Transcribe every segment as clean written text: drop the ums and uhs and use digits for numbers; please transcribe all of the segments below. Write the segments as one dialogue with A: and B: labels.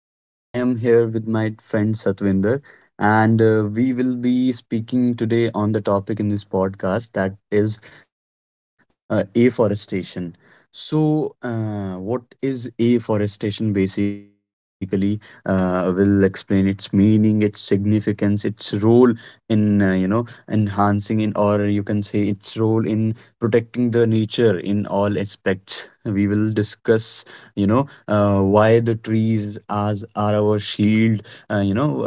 A: and I am here with my friend Satvinder, and we will be speaking today on the topic in this podcast, that is afforestation. So what is afforestation basically? We'll explain its meaning, its significance, its role in enhancing, in, or you can say its role in protecting the nature in all aspects. We will discuss, you know why the trees as are our shield, uh, you know uh,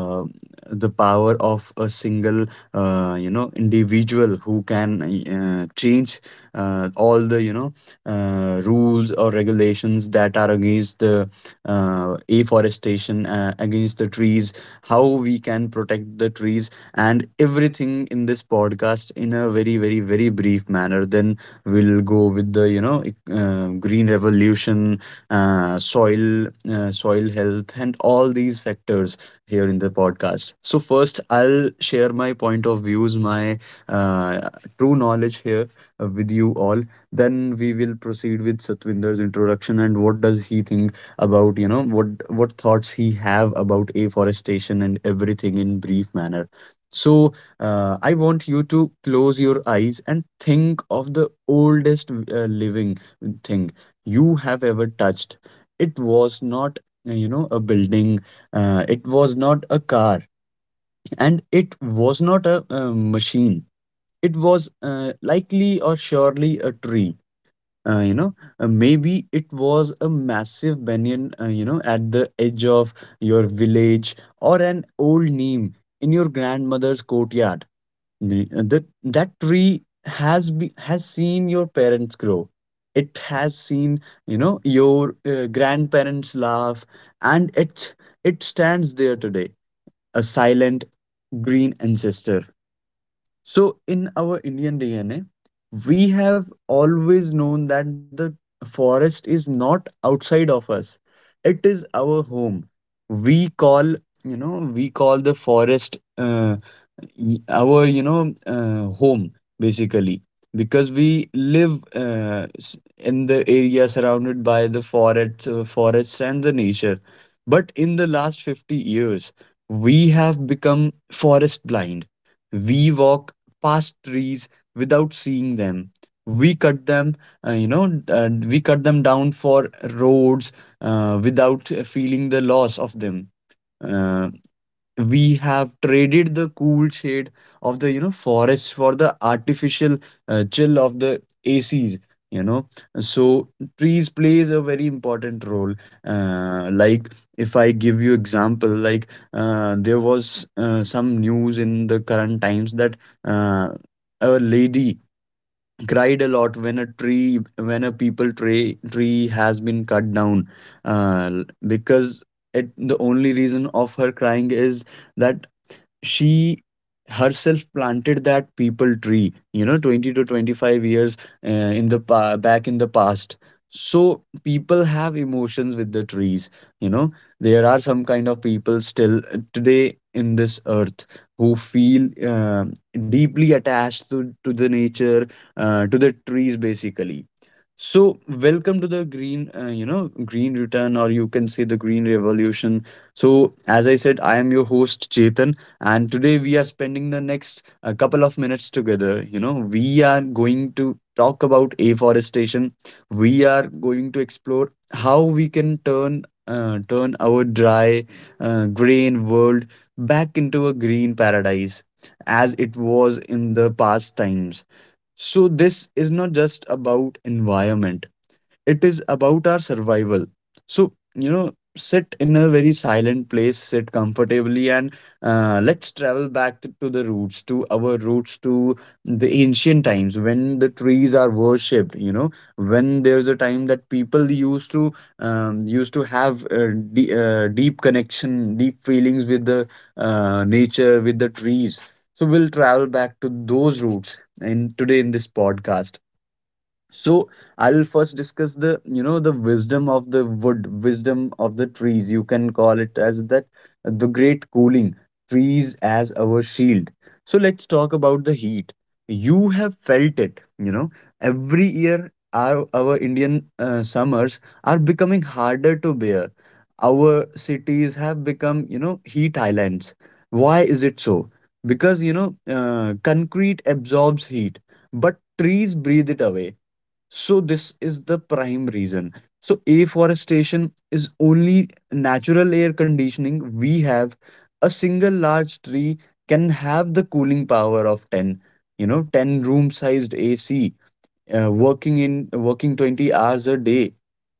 A: the power of a single individual who can change all the, rules or regulations that are against the afforestation, against the trees, how we can protect the trees and everything in this podcast in a very very very brief manner. Then we'll go with the, green revolution, soil, soil health and all these factors here in the podcast. So first I'll share my point of views, my uh, true knowledge here with you all. Then we will proceed with Satwinder's introduction and what does he think about, you know, what thoughts he have about afforestation and everything in brief manner. So I want you to close your eyes and think of the oldest living thing you have ever touched. It was not, a building, it was not a car, and it was not a, machine. It was likely or surely a tree. Uh, you know, maybe it was a massive banyan, at the edge of your village, or an old neem in your grandmother's courtyard. That tree has seen your parents grow, it has seen, you know, your grandparents laugh, and it stands there today, a silent green ancestor. So, in our Indian DNA, we have always known that the forest is not outside of us, it is our home. We call, we call the forest, our, home, basically, because we live in the area surrounded by the forest, forests and the nature. But in the last 50 years, we have become forest blind. We walk past trees without seeing them. We cut them, we cut them down for roads without feeling the loss of them. Uh, we have traded the cool shade of the, you know, forests for the artificial chill of the acs, you know. So trees plays a very important role. Like, if I give you example, like there was some news in the current times that uh, a lady cried a lot when a tree, when a people tree has been cut down, uh, because it, the only reason of her crying is that she herself planted that people tree, you know, 20 to 25 years back in the past. So people have emotions with the trees, you know. There are some kind of people still today in this earth who feel deeply attached to the nature, to the trees basically. So welcome to the green green return, or you can say the green revolution. So, as I said, I am your host Chetan, and today we are spending the next couple of minutes together. You know, we are going to talk about afforestation. We are going to explore how we can turn our dry, grain world back into a green paradise, as it was in the past times. So this is not just about environment, it is about our survival. So, you know, sit in a very silent place, sit comfortably, and let's travel back to the roots, to our roots, to the ancient times when the trees are worshipped, you know, when there's a time that people used to used to have deep connection, deep feelings with the nature, with the trees. So we'll travel back to those roots in today in this podcast. So I'll first discuss the, you know, the wisdom of the wood, wisdom of the trees, you can call it as that. The great cooling, trees as our shield. So let's talk about the heat. You have felt it, you know. Every year our Indian summers are becoming harder to bear. Our cities have become, you know, heat islands. Why is it so? Because, you know, concrete absorbs heat, but trees breathe it away. So this is the prime reason. So afforestation is only natural air conditioning we have. A single large tree can have the cooling power of 10, you know, 10 room sized AC working 20 hours a day.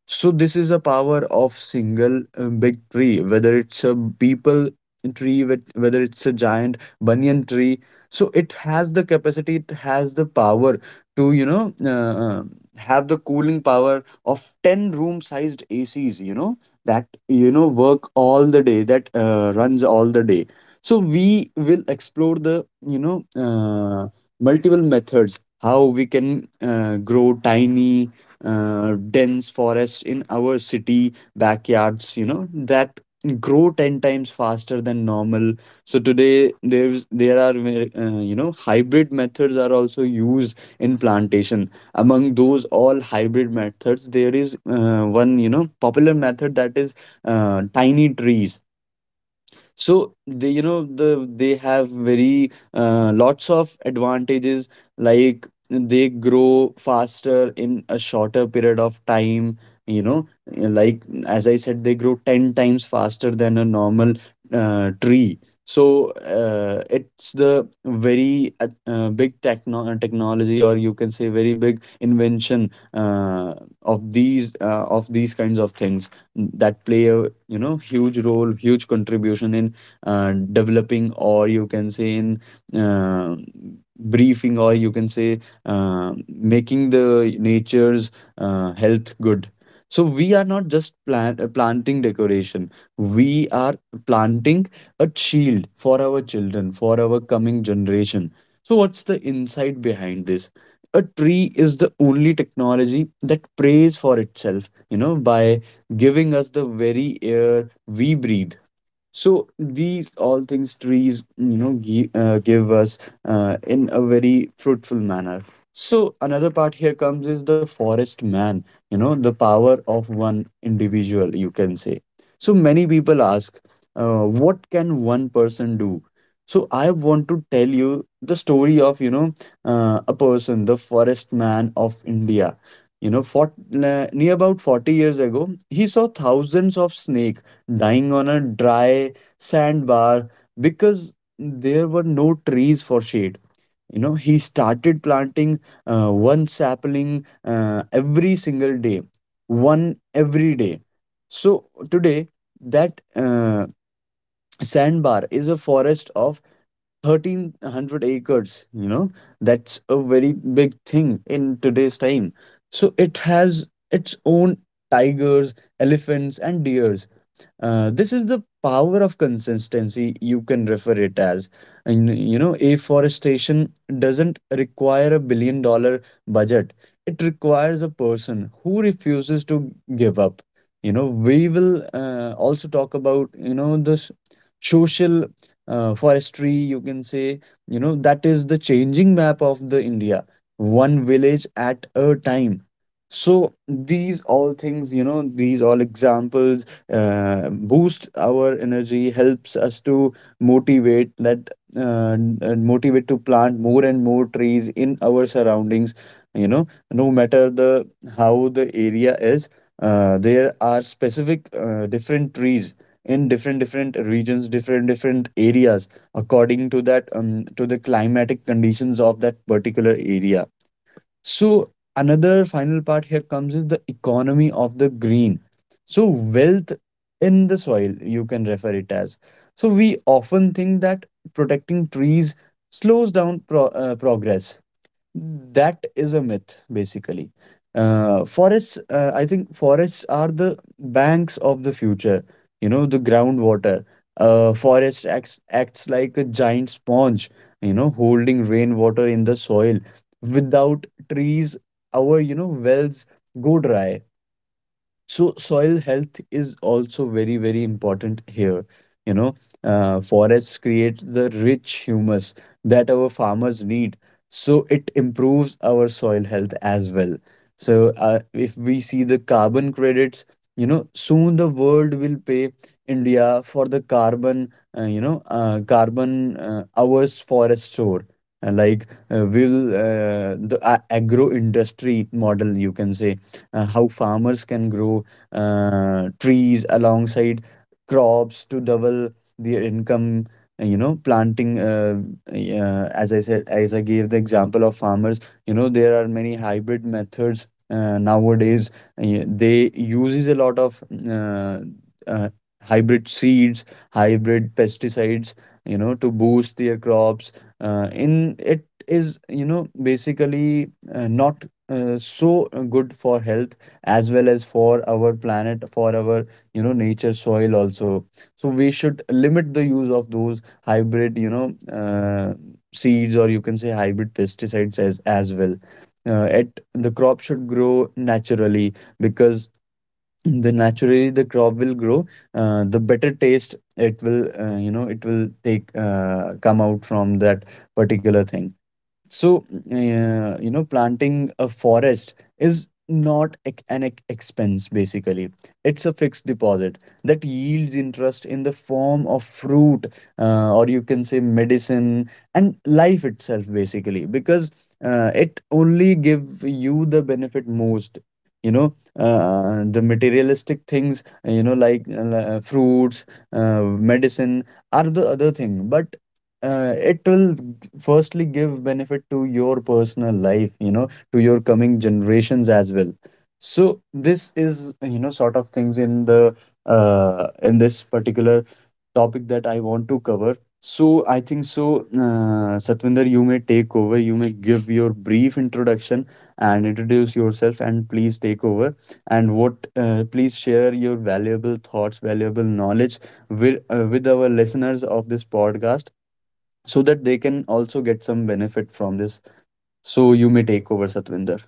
A: So this is a power of single big tree, whether it's a people tree, whether it's a giant banyan tree. So it has the capacity, it has the power to, have the cooling power of 10 room sized acs, you know, that, you know, work all the day, that runs all the day. So we will explore the, you know uh, multiple methods how we can grow tiny, dense forests in our city backyards, you know, that grow 10 times faster than normal. So today there are you know, hybrid methods are also used in plantation. Among those all hybrid methods, there is one, you know, popular method, that is tiny trees. So they, you know, the they have very lots of advantages. Like, they grow faster in a shorter period of time, you know, like as I said, they grow 10 times faster than a normal tree. So it's the very big technology, or you can say very big invention of these kinds of things, that play a, you know, huge role, huge contribution in developing, or you can say in uh, briefing, or you can say making the nature's health good. So we are not just planting decoration, we are planting a shield for our children, for our coming generation. So what's the insight behind this? A tree is the only technology that prays for itself, you know, by giving us the very air we breathe. So these all things, trees, you know, give us in a very fruitful manner. So another part here comes is the forest man, you know, the power of one individual, you can say. So many people ask what can one person do. So I want to tell you the story of, you know, a person, the forest man of India. You know, near about 40 years ago, he saw thousands of snake dying on a dry sandbar, because there were no trees for shade. You know, he started planting one sapling every single day, one every day. So today, that sandbar is a forest of 1,300 acres. You know, that's a very big thing in today's time. So it has its own tigers, elephants, and deers. This is the power of consistency, you can refer it as. And, you know, afforestation doesn't require a $1 billion budget, it requires a person who refuses to give up. You know, we will also talk about, you know, the social forestry, you can say, you know, that is the changing map of the India, one village at a time. So these all things, you know, these all examples boost our energy, helps us to motivate, that uh, motivate to plant more and more trees in our surroundings, you know, no matter the, how the area is. There are specific different trees in different regions, different areas, according to that, to the climatic conditions of that particular area. So another final part here comes is the economy of the green. So wealth in the soil, you can refer it as. So we often think that protecting trees slows down progress. That is a myth basically. Forests, I think forests are the banks of the future, you know. The groundwater, forest acts like a giant sponge, you know, holding rainwater in the soil. Without trees, our, you know, wells go dry. So soil health is also very, very important here. You know, forests create the rich humus that our farmers need. So it improves our soil health as well. So if we see the carbon credits, you know, soon the world will pay India for the carbon, carbon hours forest store. Agro industry model, you can say, how farmers can grow trees alongside crops to double their income, planting as I said, as I gave the example of farmers. You know, there are many hybrid methods nowadays, they uses a lot of uh, uh, hybrid seeds, hybrid pesticides, you know, to boost their crops, in it is, you know, basically not so good for health as well as for our planet, for our, you know, nature, soil also. So we should limit the use of those hybrid, you know, seeds, or you can say hybrid pesticides as well. It, the crop should grow naturally, because the naturally the crop will grow, the better taste it will you know, it will take come out from that particular thing. So you know, planting a forest is not an expense, basically. It's a fixed deposit that yields interest in the form of fruit, or you can say medicine and life itself, basically. Because it only give you the benefit most, you know, the materialistic things, you know, like fruits, medicine are the other thing, but it will firstly give benefit to your personal life, you know, to your coming generations as well. So this is, you know, sort of things in the in this particular topic that I want to cover. So I think so, Satvinder, you may take over, you may give your brief introduction and introduce yourself, and please take over. And what please share your valuable thoughts, valuable knowledge with our listeners of this podcast, so that they can also get some benefit from this. So you may take over, Satvinder.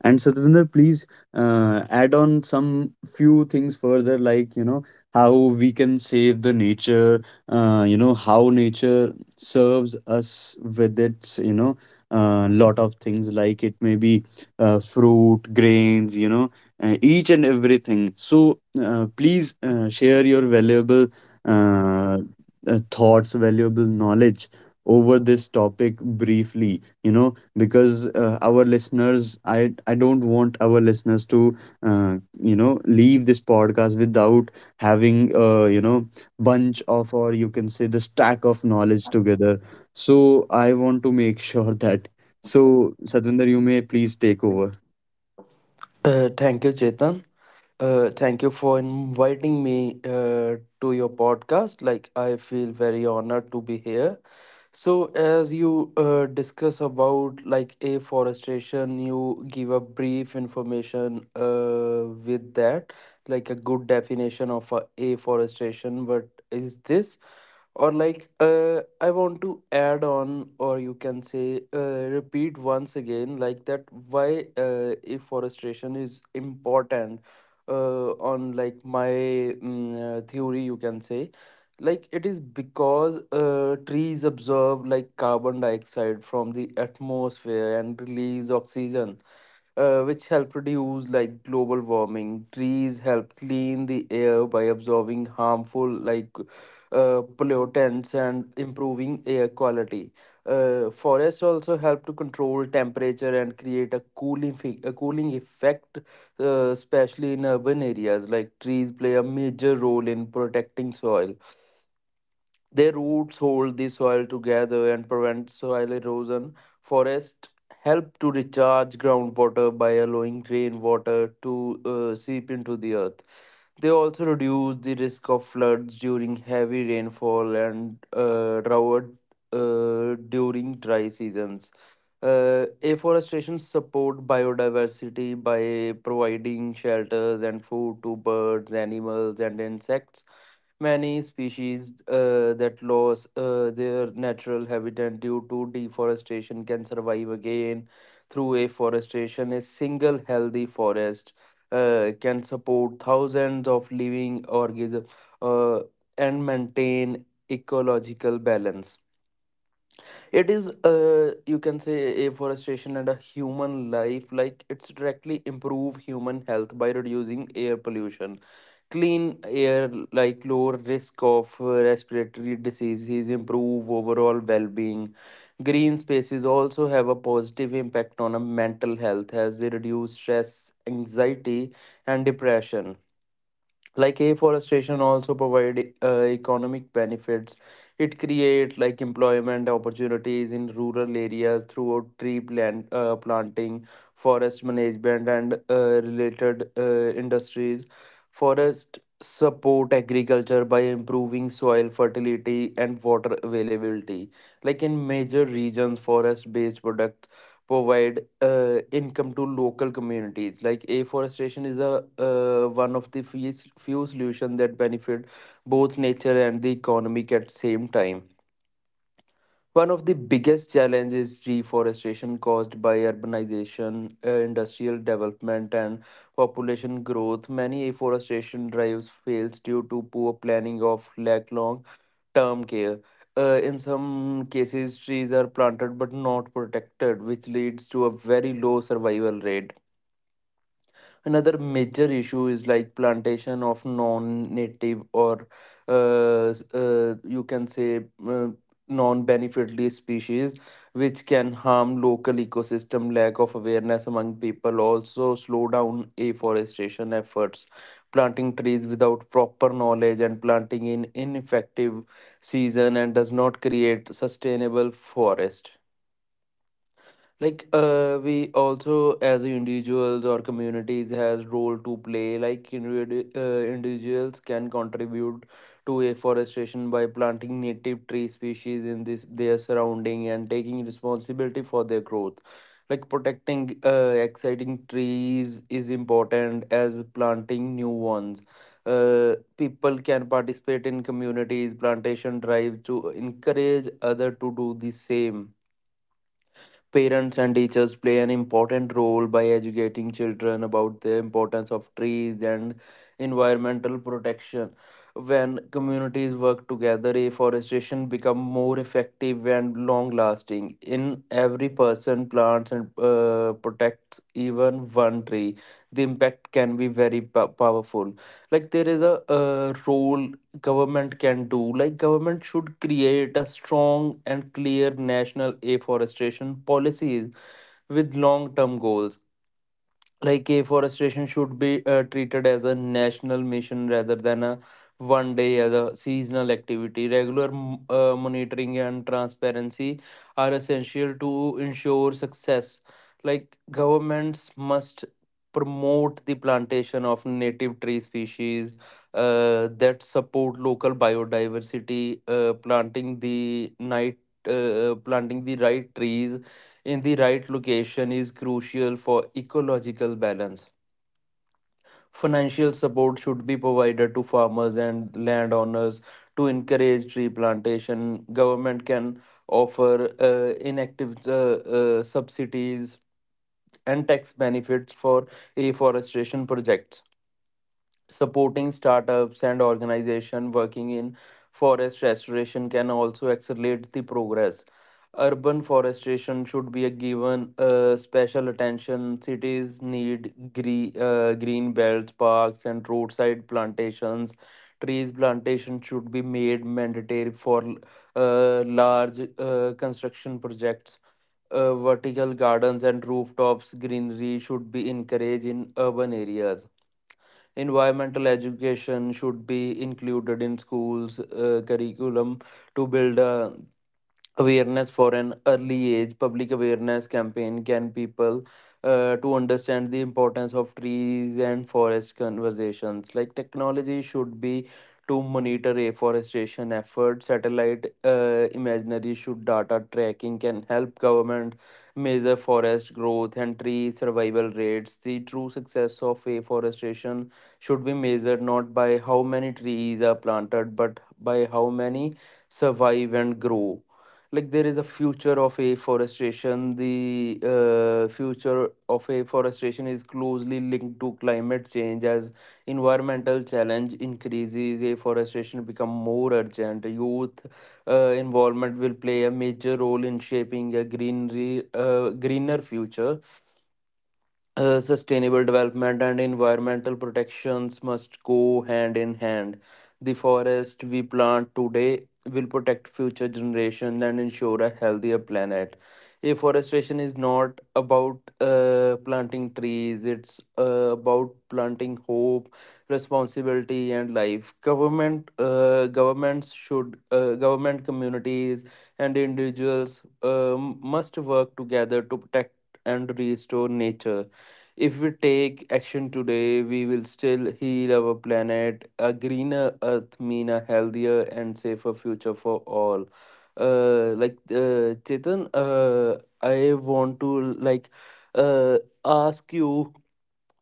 A: And Satvinder, please add on some few things further, like, you know, how we can save the nature. You know, how nature serves us with its, you know, lot of things, like it may be fruit, grains, you know, each and everything. So please share your valuable uh, thoughts, valuable knowledge over this topic briefly. You know, because our listeners, I don't want our listeners to you know, leave this podcast without having you know, bunch of, or you can say the stack of knowledge together. So I want to make sure that. So Satvinder, you may please take over.
B: Thank you, Chetan. Thank you for inviting me to your podcast. Like, I feel very honored to be here. So, as you discuss about like afforestation, you give a brief information, uh, with that, like a good definition of a afforestation. What is this? Or like I want to add on or you can say repeat once again like that why afforestation is important on like my theory you can say. Like it is because trees absorb like carbon dioxide from the atmosphere and release oxygen, which help reduce like global warming. Trees help clean the air by absorbing harmful like pollutants and improving air quality. Forests also help to control temperature and create a cooling effect, especially in urban areas. Like trees play a major role in protecting soil, their roots hold the soil together and prevent soil erosion. Forests help to recharge groundwater by allowing rainwater to seep into the earth. They also reduce the risk of floods during heavy rainfall and drought during dry seasons. Afforestation support biodiversity by providing shelters and food to birds, animals, and insects. Many species that lose their natural habitat due to deforestation can survive again through afforestation. A single healthy forest can support thousands of living organisms uh, and maintain ecological balance. It is, you can say, afforestation and a human life, like it's directly improve human health by reducing air pollution, clean air, like lower risk of respiratory diseases, improve overall well-being. Green spaces also have a positive impact on a mental health as they reduce stress, anxiety, and depression. Like afforestation also provide economic benefits. It create like employment opportunities in rural areas through tree plant planting, forest management, and related industries. Forest support agriculture by improving soil fertility and water availability. Like in major regions forest based products provide income to local communities. Like afforestation is a, one of the few, few solutions that benefit both nature and the economic at same time. One of the biggest challenges is deforestation caused by urbanization, industrial development, and population growth. Many afforestation drives fails due to poor planning of lack long term care. In some cases, trees are planted but not protected, which leads to a very low survival rate. Another major issue is like plantation of non-native or you can say, non-beneficially species, which can harm local ecosystem. Lack of awareness among people also slow down afforestation efforts. Planting trees without proper knowledge and planting in ineffective season and does not create sustainable forest. Like we also as individuals or communities has role to play. Like individuals can contribute to afforestation by planting native tree species in this their surrounding and taking responsibility for their growth, like protecting exciting trees is important as planting new ones. People can participate in communities plantation drive to encourage other to do the same. Parents and teachers play an important role by educating children about the importance of trees and environmental protection. When communities work together, afforestation become more effective and long lasting. In every person plants and protects even one tree. The impact can be very powerful. Like there is a role government can do. Like government should create a strong and clear national afforestation policies with long term goals. Like a forestation should be treated as a national mission rather than a one day as a seasonal activity. Regular monitoring and transparency are essential to ensure success. Like governments must promote the plantation of native tree species that support local biodiversity. Planting the right trees in the right location is crucial for ecological balance. Financial support should be provided to farmers and landowners to encourage tree plantation. Government can offer inactive subsidies and tax benefits for reforestation projects. Supporting startups and organizations working in forest restoration can also accelerate the progress. Urban forestation should be a given special attention. Cities need green belts, parks, and roadside plantations. Trees plantation should be made mandatory for large construction projects. Vertical gardens and rooftops greenery should be encouraged in urban areas. Environmental education should be included in schools curriculum to build a awareness for an early age. Public awareness campaign can people to understand the importance of trees and forest conversations. Like technology should be to monitor afforestation effort, satellite imaginary should data tracking can help government measure forest growth and tree survival rates. The true success of afforestation should be measured not by how many trees are planted but by how many survive and grow. Like there is a future of afforestation. The future of afforestation is closely linked to climate change. As environmental challenge increases, afforestation become more urgent. Youth involvement will play a major role in shaping a greenery greener future. Sustainable development and environmental protections must go hand in hand. The forest we plant today will protect future generations and ensure a healthier planet. Afforestation is not about planting trees, it's about planting hope, responsibility, and life. Government, communities, and individuals must work together to protect and restore nature. If we take action today, we will still heal our planet. A greener earth mean a healthier and safer future for all. Chetan, I want to like uh, ask you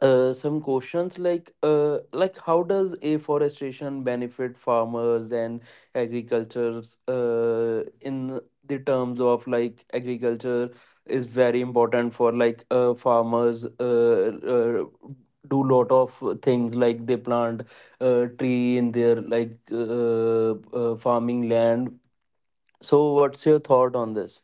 B: some questions like how does afforestation benefit farmers and agricultures in the terms of like agriculture is very important for like farmers uh, do lot of things like they plant tree in their like farming land, so what's your thought on this?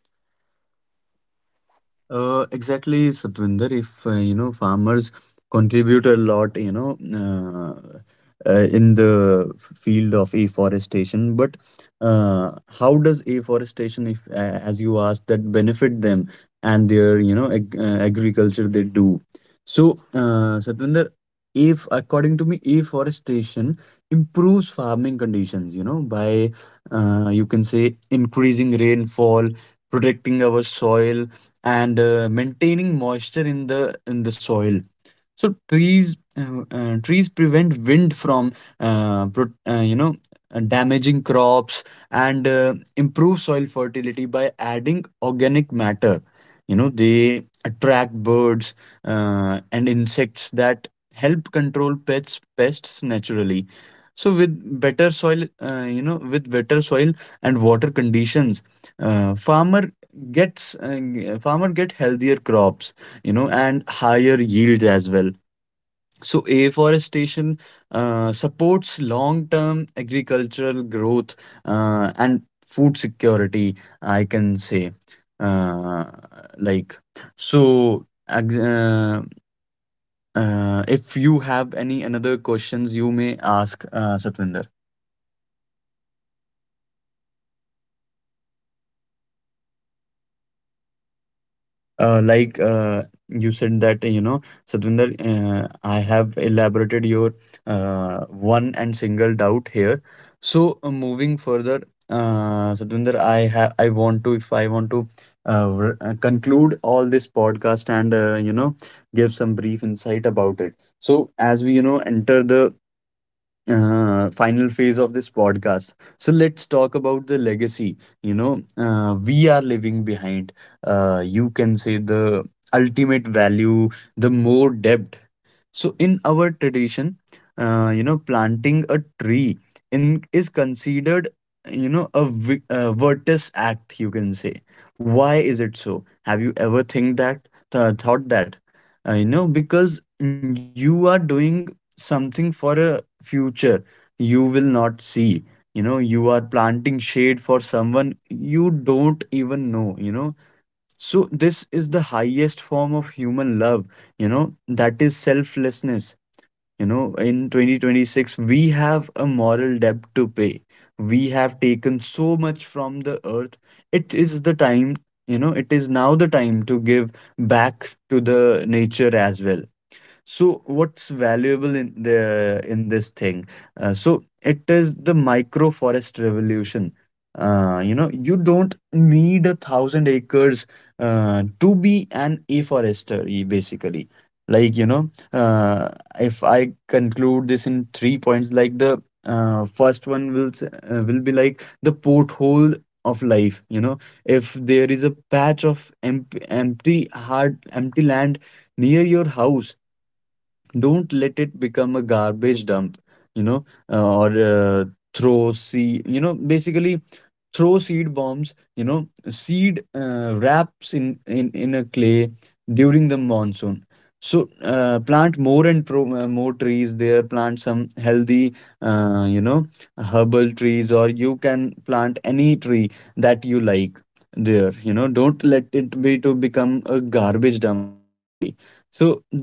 A: Exactly, Satvinder. If you know, farmers contribute a lot, you know, in the field of afforestation. But uh, how does afforestation, if as you asked, that benefit them and their, you know, agriculture they do? So, Satvinder, if according to me, afforestation improves farming conditions. You know, by you can say, increasing rainfall, protecting our soil, and maintaining moisture in the soil. So trees trees prevent wind from you know, damaging crops and improve soil fertility by adding organic matter. You know, they attract birds and insects that help control pests naturally. So with better soil, with better soil and water conditions uh, farmer farmer get healthier crops, you know, and higher yield as well. So afforestation supports long term agricultural growth and food security, I can say uh, like so ex- uh, if you have any another questions, you may ask, Satvinder. Uh, like uh, you said that, you know, Sadvinder, I have elaborated your one and single doubt here. So moving further, Sadvinder, I have I want to if I want to conclude all this podcast and you know, give some brief insight about it. So as we, you know, enter the final phase of this podcast. So let's talk about the legacy. You know, we are leaving behind. You can say the ultimate value, the more depth. So in our tradition, you know, planting a tree in is considered, you know, a, a virtus act, you can say. Why is it so? Have you ever thought that? You know, because you are doing something for a future you will not see. You know, you are planting shade for someone you don't even know, you know. So this is the highest form of human love, you know, that is selflessness. You know, in 2026, we have a moral debt to pay. We have taken so much from the earth. It is the time, you know, it is now the time to give back to the nature as well. So what's valuable in the in this thing? So it is the microforest revolution. You know, you don't need a thousand acres to be an afforester, basically. Like, you know, if I conclude this in three points, like the first one will will be like the porthole of life. You know, if there is a patch of empty hard empty land near your house, don't let it become a garbage dump, you know, or throw seed, you know, basically, throw seed bombs, you know, seed wraps in, in a clay, during the monsoon. So plant more and more trees there, plant some healthy you know, herbal trees, or you can plant any tree that you like there. You know, don't let it be to become a garbage dump, basically. So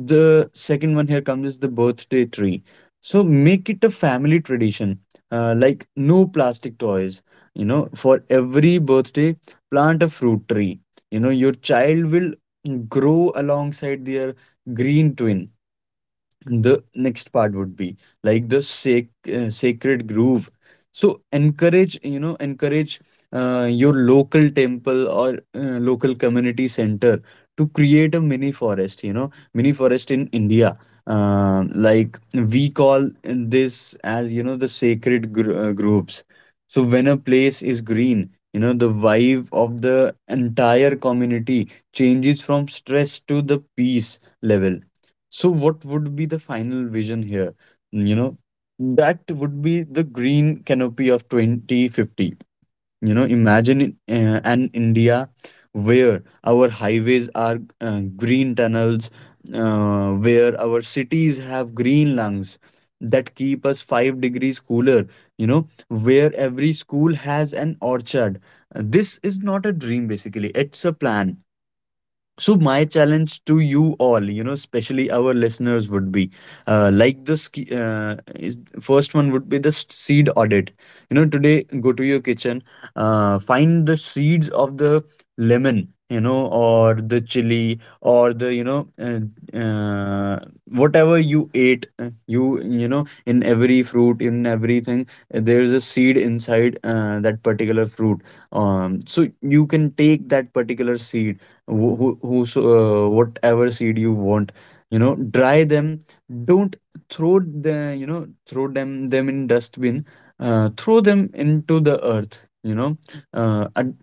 A: the second one here comes is the birthday tree. So make it a family tradition. Like, no plastic toys. You know, for every birthday, plant a fruit tree. You know, your child will grow alongside their green twin. The next part would be like the sacred groove. So encourage, you know, encourage your local temple, or local community center to create a mini forest, you know, mini forest in India. Like, we call this as, you know, the sacred groves. So when a place is green, you know, the vibe of the entire community changes from stress to the peace level. So, what would be the final vision here? You know, that would be the green canopy of 2050. You know, imagine an India where our highways are green tunnels, where our cities have green lungs that keep us 5 degrees cooler, you know, where every school has an orchard. This is not a dream, basically, it's a plan. So my challenge to you all, you know, especially our listeners, would be first one would be the seed audit. You know, today go to your kitchen, find the seeds of the lemon, you know, or the chili, or the, you know, uh, whatever you ate, you know, in every fruit, in everything, there is a seed inside that particular fruit. So you can take that particular seed, whatever seed you want. You know, dry them, don't throw the, you know, throw them in dustbin, throw them into the earth. You know uh, ad-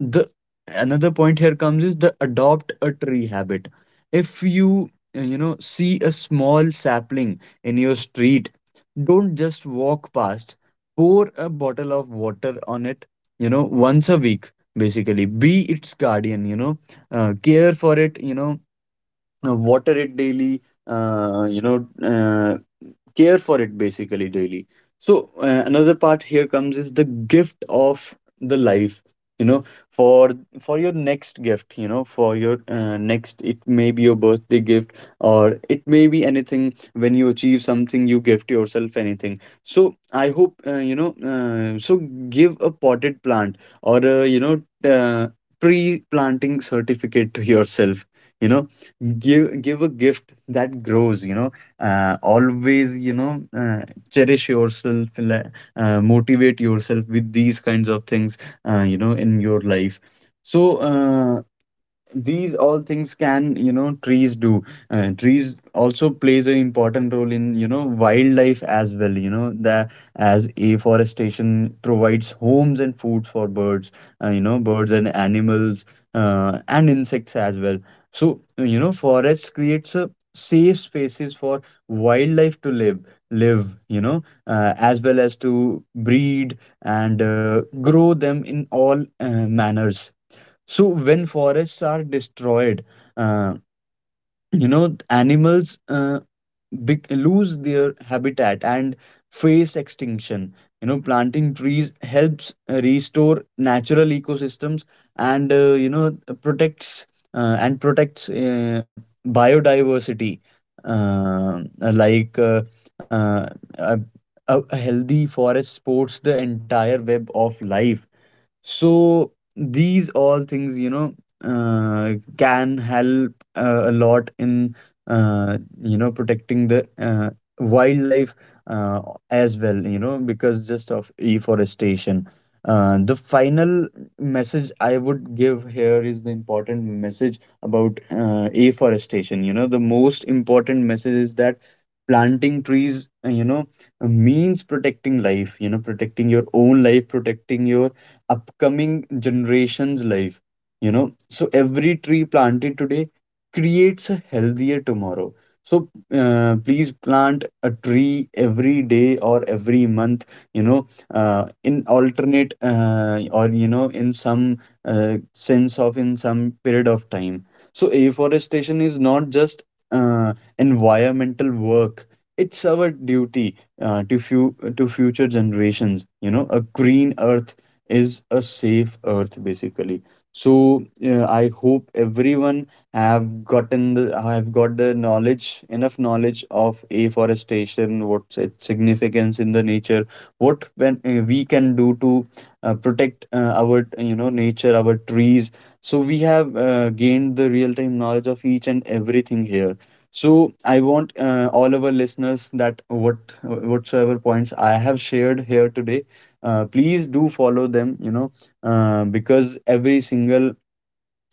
A: the another point here comes is the adopt a tree habit. If you you know, see a small sapling in your street, don't just walk past, pour a bottle of water on it, you know, once a week. Basically be its guardian, you know, care for it, you know, water it daily, uh, you know uh, care for it, basically, daily. So another part here comes is the gift of the life. You know, for for your next gift, you know, for your next, it may be your birthday gift, or it may be anything, when you achieve something you gift yourself anything. So I hope, so give a potted plant or a, you know, uh, tree planting certificate to yourself. You know, give a gift that grows, you know, always, you know, cherish yourself, like, motivate yourself with these kinds of things, you know, in your life. So these all things can, you know, trees do. Trees also plays an important role in, you know, wildlife as well. You know, the as afforestation provides homes and food for birds, you know, birds and animals and insects as well. So you know, forests creates a safe spaces for wildlife to live, you know, as well as to breed and grow them in all manners. So when forests are destroyed, uh, you know, animals lose their habitat and face extinction. You know, planting trees helps restore natural ecosystems and, protects uh, and protects uh, biodiversity. Uh, like uh, uh, a, a a healthy forest supports the entire web of life. So these all things, you know, can help a lot in, you know, protecting the wildlife uh, as well, you know, because just of afforestation. The final message I would give here is the important message about, afforestation. You know, the most important message is that planting trees, you know, means protecting life, you know, protecting your own life, protecting your upcoming generation's life. You know, so every tree planted today creates a healthier tomorrow. So please plant a tree every day or every month, you know, in alternate, or you know, in some sense of, in some period of time. So afforestation is not just uh, environmental work, it's our duty to future generations. You know, a green earth is a safe earth, basically. So I hope everyone have got the knowledge, enough knowledge of afforestation, what's its significance in the nature, what when we can do to protect our, you know, nature, our trees. So we have gained the real time knowledge of each and everything here. So I want all our listeners that what whatsoever points I have shared here today, please do follow them, you know, because every single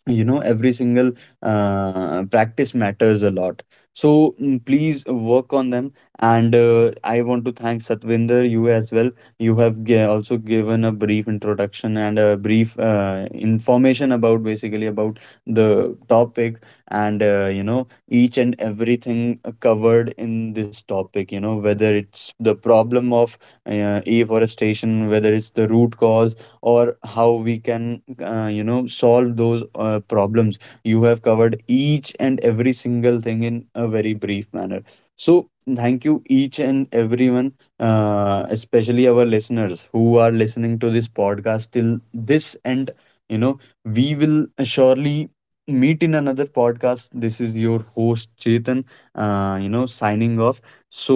A: you know every single practice matters a lot. So please work on them. And I want to thank Satvinder, you, as well. You have also given a brief introduction and a brief information about, basically, about the topic. And, you know, each and everything covered in this topic, you know, whether it's the problem of afforestation, whether it's the root cause, or how we can, you know, solve those problems. You have covered each and every single thing in a very brief manner. So thank you, each and everyone, especially our listeners who are listening to this podcast till this end. You know, we will surely meet in another podcast. This is your host Chetan, you know, signing off. So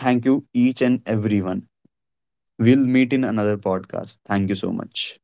A: thank you, each and everyone. We'll meet in another podcast. Thank you so much.